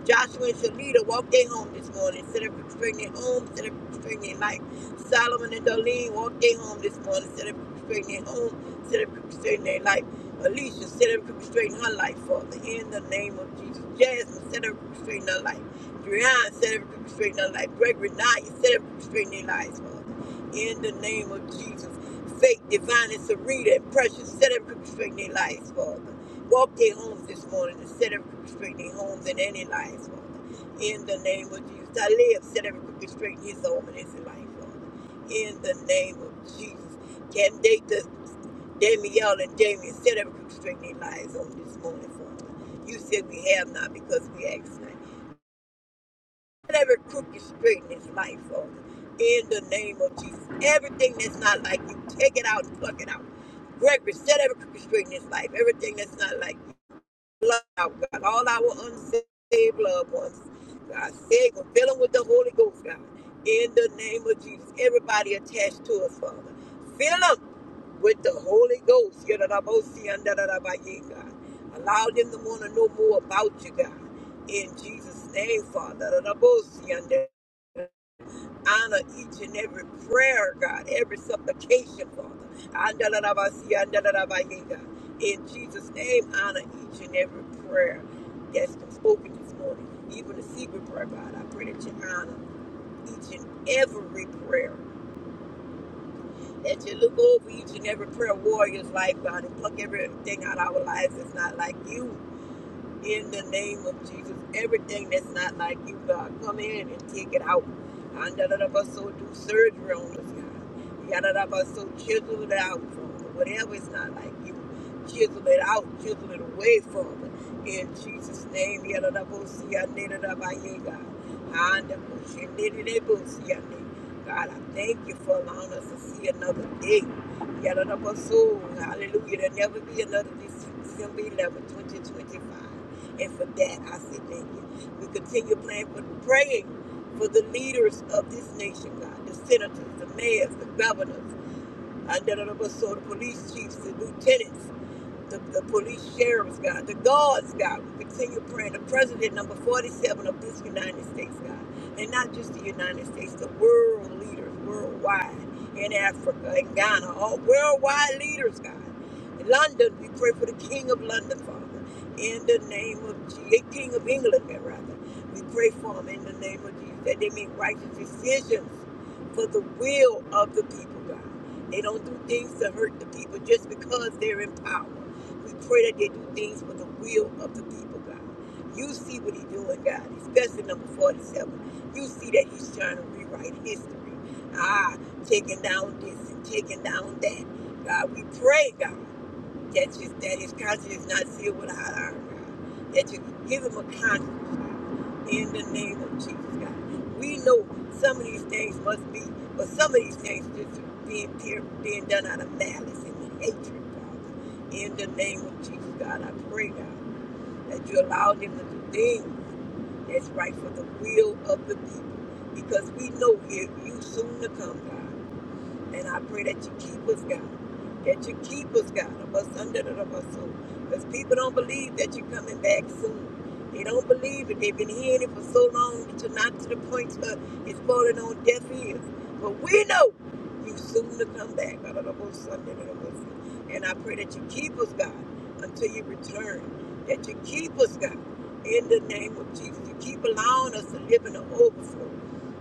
Speaker 2: Joshua and Shalita walked their home this morning, set her straighten their home, set her straighten their life. Solomon and Darlene walked their home this morning, set her straighten their home, set her straighten their life. Alicia, set her straighten her life, Father, in the name of Jesus. Jasmine, set her straighten her life. Brian set every crooked straight in our life. Gregory Knight set every crooked straight in their lives, Father. In the name of Jesus. Faith, divine, and Sarita and precious, set every crooked straight in their lives, Father. Walk their homes this morning and set every crooked straight in their homes and in their lives, Father. In the name of Jesus. I live, set every crooked straight in his home and his life, Father. In the name of Jesus. Can they Danielle and Damien set every crooked straight in their lives on this morning, Father? You said we have not because we ask not every crooked straight in his life, Father. In the name of Jesus. Everything that's not like you, take it out and pluck it out. Gregory, set every crooked straight in his life. Everything that's not like you, pluck it out, God. All our unsaved loved ones, God, save them. Fill them with the Holy Ghost, God. In the name of Jesus. Everybody attached to us, Father. Fill them with the Holy Ghost. God. Allow them to want to know more about you, God. In Jesus' name, Father. honor each and every prayer, God, every supplication, Father. In Jesus' name, honor each and every prayer that's been spoken this morning, even the secret prayer, God. I pray that you honor each and every prayer that you look over each and every prayer warrior's life, God, and pluck everything out of our lives that's not like you in the name of Jesus. Everything that's not like you, God, come in and take it out. And da da da ba so do surgery on us, God. Ya da da ba so chisel it out from us. Whatever is not like you, chisel it out, chisel it away from us. In Jesus' name, ya da da bo si ya ne da da ba ye, God. And da bo shi ne de de bo si ya ne. God, I thank you for allowing us to see another day. Yada da da ba so, hallelujah. There'll never be another Dece- December 11, 2025. And for that, I say thank you. We continue praying for, praying for the leaders of this nation, God, the senators, the mayors, the governors, and the police chiefs, the lieutenants, the, the police sheriffs, God, the guards, God. We continue praying. The president, number 47 of this United States, God. And not just the United States, the world leaders worldwide in Africa, in Ghana, all worldwide leaders, God. In London, we pray for the King of London, Father, in the name of Jesus, King of England, rather. We pray for him in the name of Jesus that they make righteous decisions for the will of the people, God. They don't do things to hurt the people just because they're in power. We pray that they do things for the will of the people, God. You see what he's doing, God, especially number 47. You see that he's trying to rewrite history. Ah, taking down this and taking down that. God, we pray, God that you that his conscience is not sealed with a hot iron That you give him a conscience in the name of Jesus God. We know some of these things must be, but some of these things just being pure, being done out of malice and hatred, Father. In the name of Jesus God, I pray God that you allow them to do things that's right for the will of the people. Because we know here you soon to come, God. And I pray that you keep us, God. That you keep us, God, of us under the of us soul. Because people don't believe that you're coming back soon. They don't believe it. They've been hearing it for so long that you're not to the point where it's falling on deaf ears. But we know you soon to come back. God, of us under the of us. And I pray that you keep us, God, until you return. That you keep us, God, in the name of Jesus. You keep allowing us to live in the overflow.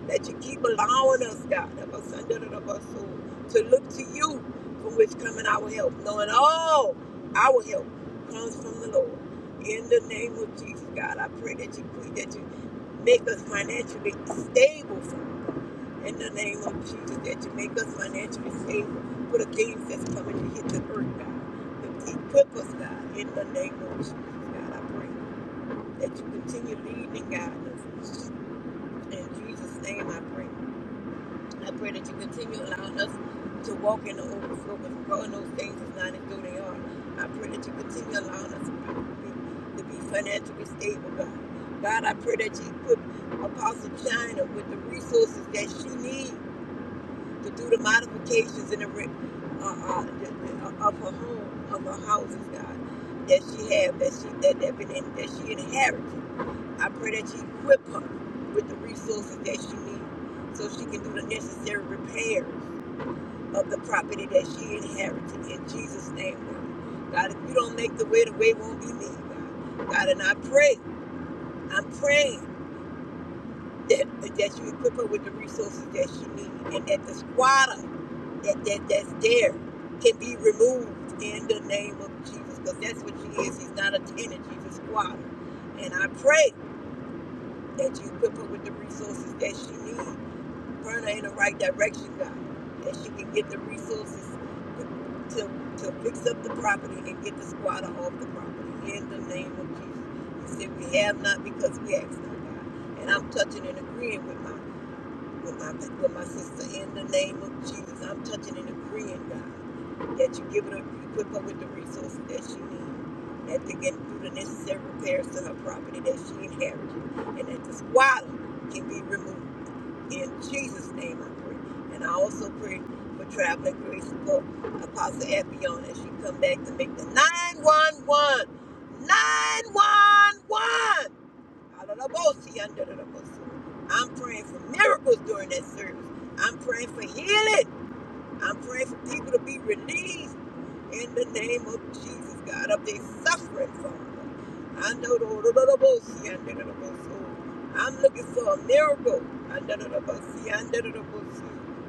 Speaker 2: That you keep allowing us, God, of us under the of us soul to look to you from which coming our help, knowing all our help comes from the Lord. In the name of Jesus, God, I pray that you that you make us financially stable, Father. In the name of Jesus, that you make us financially stable for the things that's coming to hit the earth, God. To equip us, God. In the name of Jesus, God, I pray that you continue leading and guiding us. In Jesus' name, I pray. I pray that you continue allowing us to walk in the overflow of growing those things as not as though they are. I pray that you continue allowing us to be, to be financially stable, God. God, I pray that you equip Apostle China with the resources that she needs to do the modifications in the, re- uh, uh, the, the, uh, of her home, of her houses, God, that she have, that she that, that, been in, that she inherits. I pray that you equip her with the resources that she needs so she can do the necessary repairs of the property that she inherited. In Jesus' name, Lord. God, if you don't make the way, the way won't be made, God. God, and I pray, I'm praying that, that you equip her with the resources that she needs and that the squatter that, that, that's there can be removed in the name of Jesus because that's what she is. He's not a tenant, she's a squatter. And I pray that you equip her with the resources that she needs Bring her in the right direction, God, that she can get the resources to, to fix up the property and get the squatter off the property. In the name of Jesus. He said, we have not because we ask not, God. And I'm touching and agreeing with my, with my, with my sister. In the name of Jesus, I'm touching and agreeing, God, that you give her, you equip her with the resources that she needs. That they can do the necessary repairs to her property that she inherited. And that the squatter can be removed. In Jesus' name I pray. And I also pray for traveling grace for Apostle Epion as she come back to make the 911. 911! Hallelujah, under the bossy. I'm praying for miracles during that service. I'm praying for healing. I'm praying for people to be released in the name of Jesus, God, of their suffering, Father. I know the Lord of the bossy. see, under the bossy. I'm looking for a miracle. Under the bossy. see, under the bossy.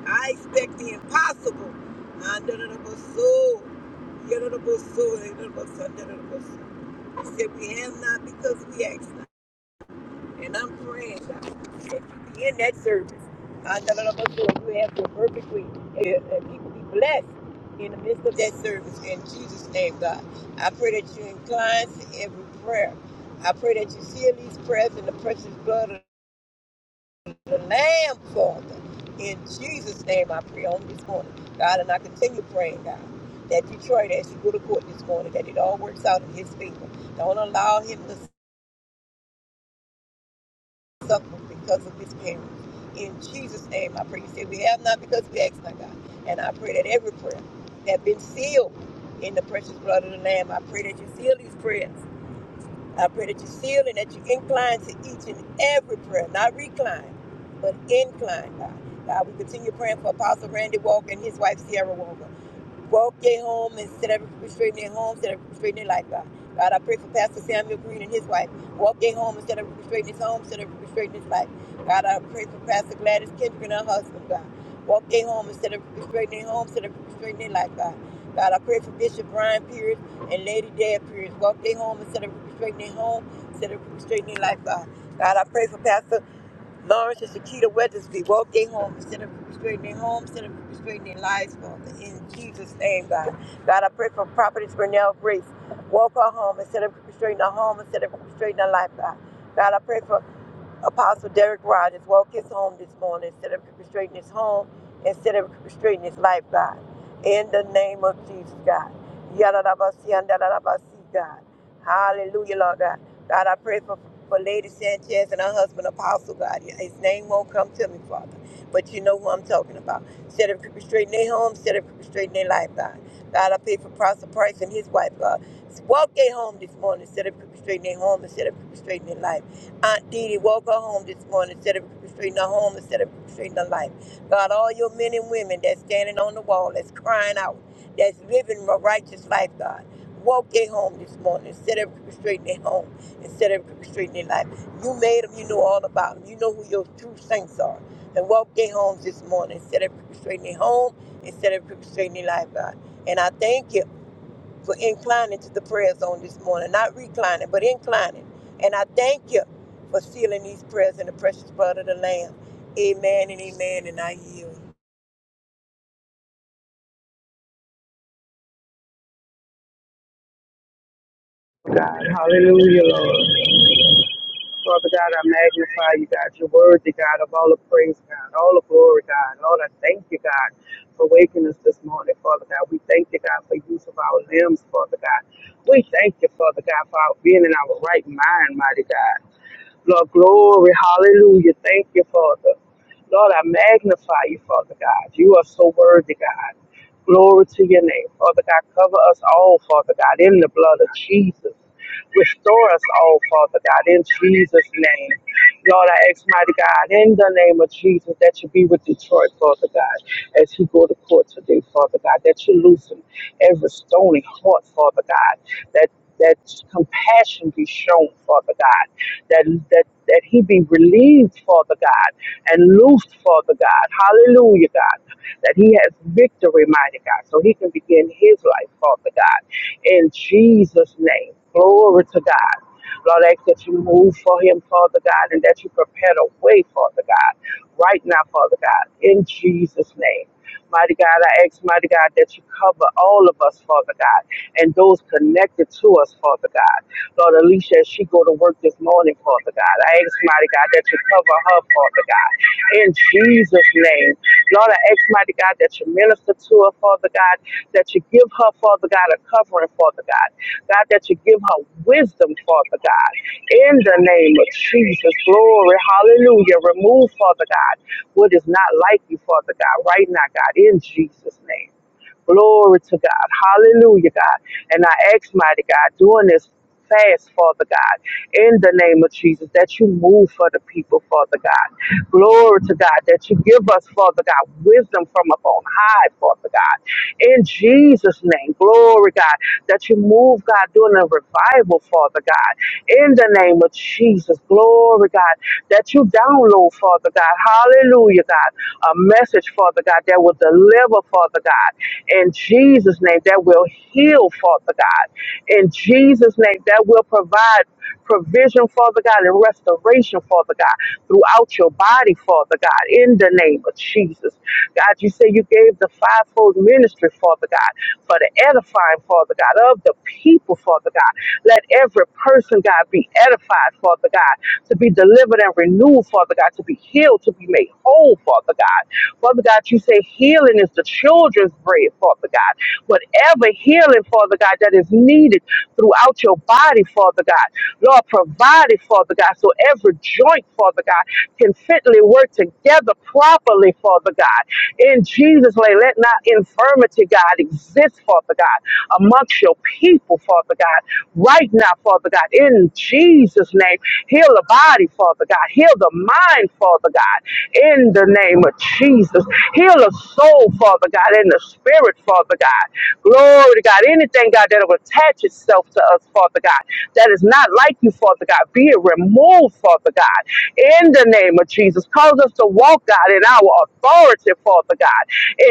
Speaker 2: I expect the impossible. Under the bossy. oh. Under the bossy. oh, under the bossy. under the boss, oh. He said, We have not because we ask and I'm praying, God, that you be in that service. God, the Lord of us, you have your perfect will. And and people be blessed in the midst of that service. In Jesus' name, God, I pray that you incline to every prayer. I pray that you seal these prayers in the precious blood of the Lamb, Father. In Jesus' name, I pray on this morning, God, and I continue praying, God, that Detroit, as you go to court this morning, that it all works out in His favor. Don't allow him to suffer because of his parents. In Jesus' name, I pray. You say we have not because we ask not God. And I pray that every prayer that been sealed in the precious blood of the Lamb, I pray that you seal these prayers. I pray that you seal and that you incline to each and every prayer, not recline, but incline, God. God, we continue praying for Apostle Randy Walker and his wife, Sierra Walker. Walk their home and set every straight in their home, set every straight in their life, God. God, I pray for Pastor Samuel Green and his wife. Walk their home instead of straight in his home, instead of straight in his life. God, I pray for Pastor Gladys Kendrick and her husband, God. Walk their home instead of straight in their home, instead of straight in their life, God. God, I pray for Bishop Brian Pierce and Lady Dad Pierce. Walk their home instead of straight in their home, instead of straight in their life, God. God, I pray for Pastor Lawrence and Shakita Weathersby woke their home instead of restraining their homes, instead of restraining their lives, Father. In Jesus' name, God. God, I pray for Prophetess Renelle Grace. Walk her home instead of restraining her home, instead of restraining her life, God. God, I pray for Apostle Derek Rogers walked his home this morning instead of straighten his home, instead of straighten his life, God. In the name of Jesus, God. Yadadabasi and dadadabasi, God. Hallelujah, Lord God. God, I pray for, for Lady Sanchez and her husband, Apostle God. Yeah, His name won't come to me, Father, but you know who I'm talking about. Instead of straightening their home, instead of straightening their life, God. God, I pray for Pastor Price and his wife, God. Walk their home this morning instead of straightening their home, instead of straightening their life. Aunt Dee Dee woke her home this morning instead of restraining her home, instead of restraining her life. God, all your men and women that's standing on the wall, that's crying out, that's living a righteous life, God. Woke their home this morning instead of restraining their home, instead of restraining their life. You made them, you know all about them. You know who your true saints are. And woke their homes this morning instead of restraining their home, instead of restraining their life, God. And I thank you for inclining to the prayer zone this morning. Not reclining, but inclining. And I thank you for sealing these prayers in the precious blood of the Lamb. Amen and amen. And I yield.
Speaker 3: God. Hallelujah, Lord. Father God, I magnify you, God. You're worthy, God, of all the praise, God, all the glory, God. Lord, I thank you, God, for waking us this morning, Father God. We thank you, God, for use of our limbs, Father God. We thank you, Father God, for our being in our right mind, mighty God. Lord, glory, hallelujah. Thank you, Father. Lord, I magnify you, Father God. You are so worthy, God. Glory to your name, Father God. Cover us all, Father God, in the blood of Jesus. Restore us, oh Father God, in Jesus' name. Lord, I ask, mighty God, in the name of Jesus, that you be with Detroit, Father God, as he go to court today, Father God, that you loosen every stony heart, Father God, that that compassion be shown, Father God, that that that he be relieved, Father God, and loose, Father God. Hallelujah, God. That he has victory, mighty God. So he can begin his life, Father God. In Jesus' name. Glory to God. Lord, I ask that you move for him, Father God, and that you prepare the way, Father God, right now, Father God, in Jesus' name. Mighty God, I ask, mighty God, that you cover all of us, Father God, and those connected to us, Father God. Lord Alicia, as she go to work this morning, Father God. I ask, mighty God, that you cover her, Father God. In Jesus' name. Lord, I ask, mighty God, that you minister to her, Father God, that you give her, Father God, a covering, Father God. God, that you give her wisdom, Father God. In the name of Jesus, glory, hallelujah. Remove, Father God, what is not like you, Father God, right now, God, in Jesus' name. Glory to God. Hallelujah, God. And I ask, mighty God, doing this fast, Father God, in the name of Jesus, that you move for the people, Father God. Glory to God, that you give us, Father God, wisdom from up high, Father God. In Jesus' name, glory, God, that you move, God, doing a revival, Father God. In the name of Jesus, glory, God, that you download, Father God. Hallelujah, God. A message, Father God, that will deliver, Father God. In Jesus' name, that will heal, Father God. In Jesus' name, that will provide provision, Father God, and restoration, Father God, throughout your body, Father God, in the name of Jesus. God, you say you gave the fivefold ministry, Father God, for the edifying, Father God, of the people, Father God. Let every person, God, be edified, Father God, to be delivered and renewed, Father God, to be healed, to be made whole, Father God. Father God, you say healing is the children's this bread, Father God. Whatever healing, Father God, that is needed throughout your body, Father God, Lord, provide it, Father God, so every joint, Father God, can fitly work together properly, Father God. In Jesus' name, let not infirmity, God, exist, Father God, amongst your people, Father God. Right now, Father God, in Jesus' name, heal the body, Father God. Heal the mind, Father God in the name of Jesus. Heal a soul, Father God, and the spirit, Father God. Glory to God. Anything, God, that will attach itself to us, Father God, that is not like you, Father God, be it removed, Father God, in the name of Jesus. Cause us to walk, God, in our authority, Father God.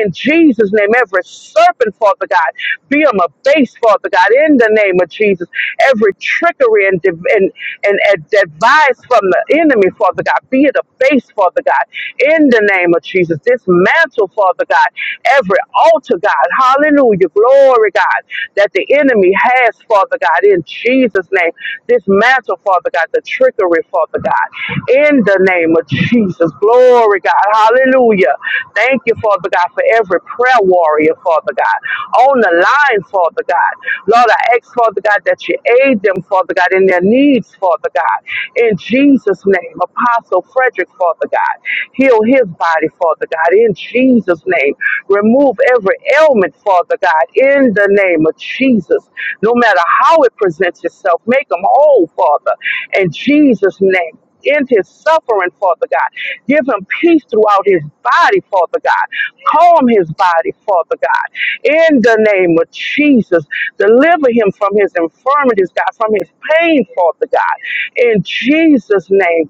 Speaker 3: In Jesus' name, every serpent, Father God, be them a base, Father God, in the name of Jesus. Every trickery and, div- and, and that vies from the enemy, Father God. Fear the face, Father God. In the name of Jesus, dismantle, Father God, every altar, God. Hallelujah. Glory, God, that the enemy has, Father God, in Jesus' name. Dismantle, Father God, the trickery, Father God. In the name of Jesus. Glory, God. Hallelujah. Thank you, Father God, for every prayer warrior, Father God. On the line, Father God. Lord, I I ask, Father God, that you aid them, Father God, in their needs, Father God. In Jesus' name, Apostle Frederick, Father God, heal his body, Father God, in Jesus' name. Remove every ailment, Father God, in the name of Jesus. No matter how it presents itself, make them whole, Father, in Jesus' name in his suffering, Father God. Give him peace throughout his body, Father God. Calm his body, Father God. In the name of Jesus, deliver him from his infirmities, God, from his pain, Father God. In Jesus' name,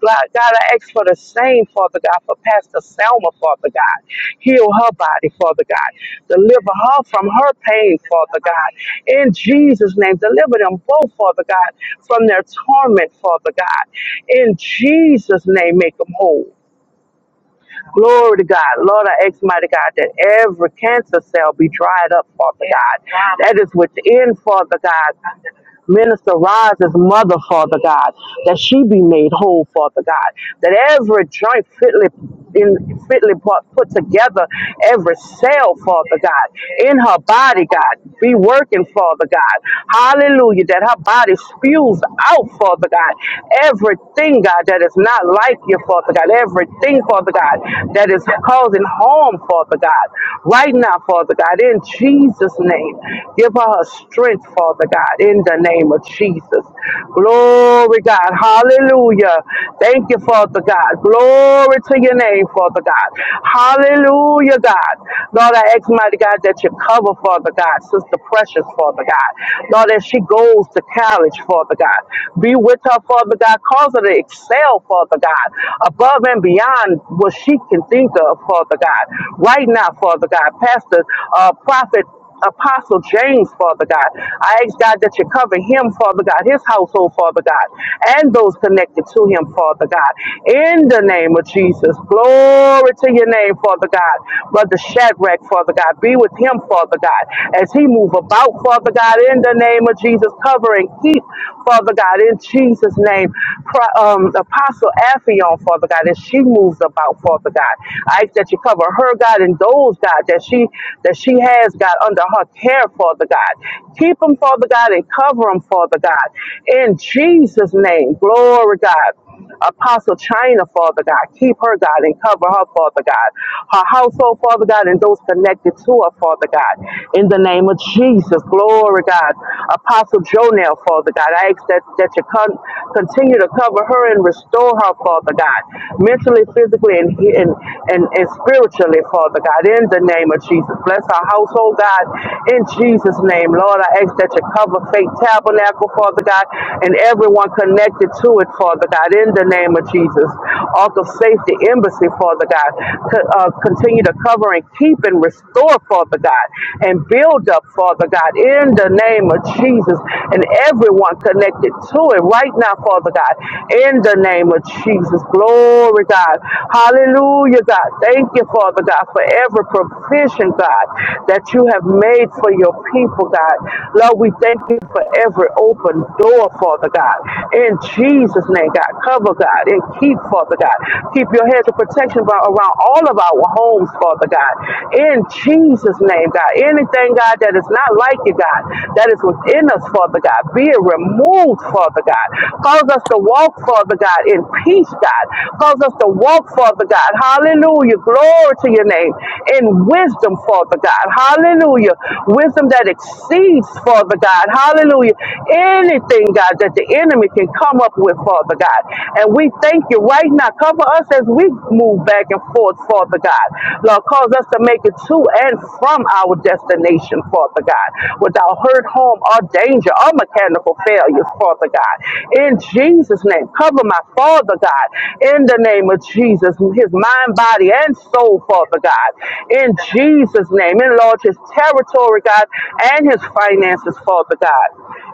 Speaker 3: God. God, I ask for the same, Father God, for Pastor Selma, Father God. Heal her body, Father God. Deliver her from her pain, Father God. In Jesus' name, deliver them both, Father God, from their torment, Father God. In Jesus' name, make them whole. Glory to God. Lord, I ask, mighty God, that every cancer cell be dried up, Father God. That is within, Father God. Minister Rise's mother, Father God, that she be made whole, Father God, that every joint fitly in fitly put, put together, every cell, Father God, in her body, God, be working, Father God. Hallelujah, that her body spews out, Father God, everything, God, that is not like you, Father God, everything, Father God, that is causing harm, Father God, right now, Father God, in Jesus' name, give her Give her strength, Father God, in the name of Jesus. Glory, God. Hallelujah. Thank you, Father God. Glory to your name, Father God. Hallelujah, God. Lord, I ask, mighty God, that you cover, Father God, Sister Precious, Father God. Lord, as she goes to college, Father God, be with her, Father God. Cause her to excel, Father God, above and beyond what she can think of, Father God. Right now, Father God, Pastor, uh, Prophet. Apostle James, Father God. I ask God that you cover him, Father God, his household, Father God, and those connected to him, Father God. In the name of Jesus, glory to your name, Father God. Brother Shadrach, Father God, be with him, Father God, as he move about, Father God. In the name of Jesus, cover and keep, Father God. In Jesus' name, Pro- um, Apostle Aphion, Father God, as she moves about, Father God. I ask that you cover her, God, and those souls, God, that she that she has, God, under her care, Father God. Keep them, Father God, and cover them, Father God. In Jesus' name, glory, God. Apostle China, Father God. Keep her, God, and cover her, Father God. Her household, Father God, and those connected to her, Father God. In the name of Jesus, glory, God. Apostle Jonel, Father God. I ask that, that you con- continue to cover her and restore her, Father God. Mentally, physically, and, and and, and, and spiritually, Father God, in the name of Jesus. Bless our household, God, in Jesus' name. Lord, I ask that you cover Faith Tabernacle, Father God, and everyone connected to it, Father God, in the name of Jesus. Ark of Safety Embassy, Father God, co- uh, continue to cover and keep and restore, Father God, and build up, Father God, in the name of Jesus, and everyone connected to it right now, Father God, in the name of Jesus. Jesus. Glory, God. Hallelujah, God. Thank you, Father God, for every provision, God, that you have made for your people, God. Lord, we thank you for every open door, Father God. In Jesus' name, God, cover, God, and keep, Father God. Keep your hedge of protection about- around all of our homes, Father God. In Jesus' name, God. Anything, God, that is not like you, God, that is within us, Father God, be it removed, Father God. Cause us to walk, Father God, in peace, God. Cause us to walk, Father God. Hallelujah. Glory to your name. In wisdom, Father God. Hallelujah. Wisdom that exceeds, Father God. Hallelujah. Anything, God, that the enemy can come up with, Father God. And we thank you right now. Cover us as we move back and forth, Father God. Lord, cause us to make it to and from our destination, Father God, without hurt, harm, or danger mechanical failures, Father God. In Jesus' name, cover my Father God. In the name of Jesus, his mind, body, and soul, Father God. In Jesus' name, enlarge his territory, God, and his finances, Father God.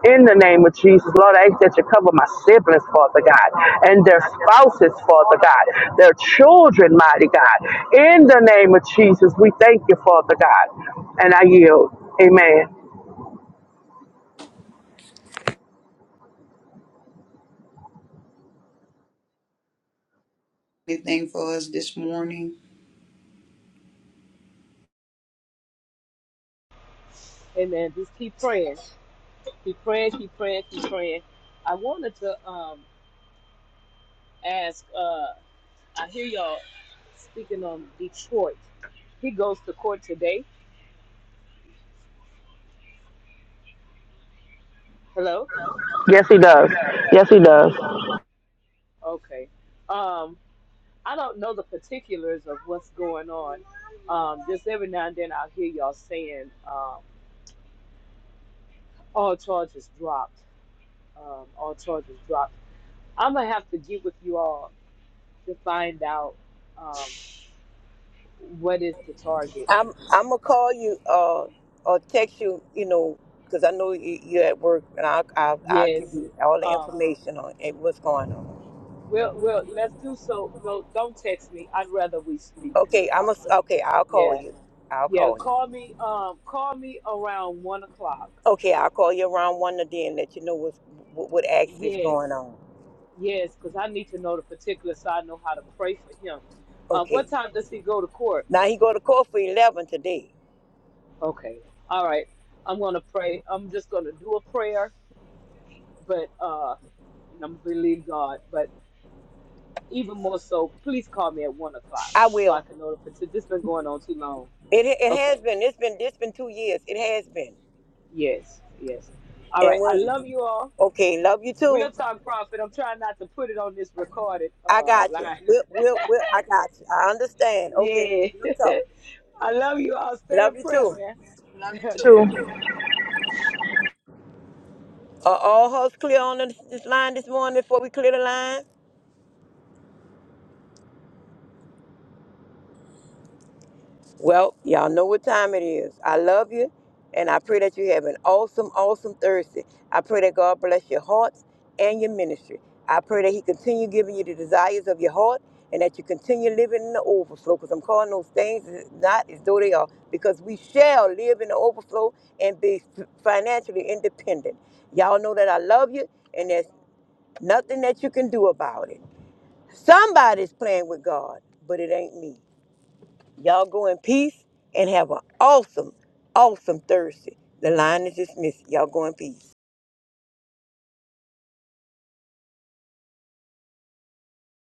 Speaker 3: In the name of Jesus, Lord, I ask that you cover my siblings, Father God, and their spouses, Father God, their children, mighty God. In the name of Jesus, we thank you, Father God. And I yield. Amen.
Speaker 4: Amen. Just keep praying. Keep praying, keep praying, keep praying. I wanted to um ask uh I hear y'all speaking on Detroit. He goes to court today. Hello?
Speaker 3: Yes, he does. Yes, he does.
Speaker 4: Okay. Um I don't know the particulars of what's going on. Um just every now and then I'll hear y'all saying um all charges dropped. Um all charges dropped. I'm gonna have to get with you all to find out um what is the target.
Speaker 2: I'm I'm gonna call you uh or text you, you know, because I know you- you're at work, and I'll, I'll I'll give
Speaker 4: Yes.
Speaker 2: you all the
Speaker 4: Um,
Speaker 2: information on it, what's going on.
Speaker 4: We'll, we'll, let's do so. No, don't text me. I'd rather we speak,
Speaker 2: Okay, I'm a,
Speaker 4: Prophet.
Speaker 2: okay. I'll call
Speaker 4: Yeah,
Speaker 2: you. I'll
Speaker 4: yeah.
Speaker 2: call you.
Speaker 4: Call me. Um, call me around one o'clock.
Speaker 2: Okay, I'll call you around one of then let you know what's, what what actually is
Speaker 4: Yes,
Speaker 2: going on.
Speaker 4: yes, because I need to know the particulars so I know how to pray for him. Um, what
Speaker 2: Okay.
Speaker 4: time does he go to court?
Speaker 2: Now he go to court for eleven today.
Speaker 4: Okay, all right. I'm gonna pray. I'm just gonna do a prayer, but uh, and I'm gonna believe God. But even more so, please call me at one o'clock
Speaker 2: I
Speaker 4: so I
Speaker 2: will.
Speaker 4: can know the particulars. This has been going on too long.
Speaker 2: It it
Speaker 4: Okay.
Speaker 2: has been. It's been it's been two years. It has been.
Speaker 4: Yes, yes. All
Speaker 2: And
Speaker 4: right. I
Speaker 2: when
Speaker 4: love you all.
Speaker 2: okay, love you
Speaker 4: We'll
Speaker 2: too.
Speaker 4: talk profit. I'm trying not to put it on this recorded
Speaker 2: I
Speaker 4: uh
Speaker 2: got you.
Speaker 4: line.
Speaker 2: We'll we'll, we'll I got you. I understand. Okay,
Speaker 4: Yeah.
Speaker 2: we'll talk.
Speaker 4: I love you all. Stay
Speaker 2: Love
Speaker 4: in
Speaker 2: you
Speaker 4: prayer,
Speaker 2: too.
Speaker 4: man. okay.
Speaker 2: Are all hearts clear on this, this line this morning before we clear the line? Well, y'all know what time it is. I love you, and I pray that you have an awesome, awesome Thursday. I pray that God bless your hearts and your ministry. I pray that He continue giving you the desires of your heart and that you continue living in the overflow because I'm calling those things not as though they are because we shall live in the overflow and be financially independent. Y'all know that I love you, and there's nothing that you can do about it. Somebody's playing with God, but it ain't me. Y'all go in peace and have an awesome, awesome Thursday. The line is dismissed. Y'all go in peace.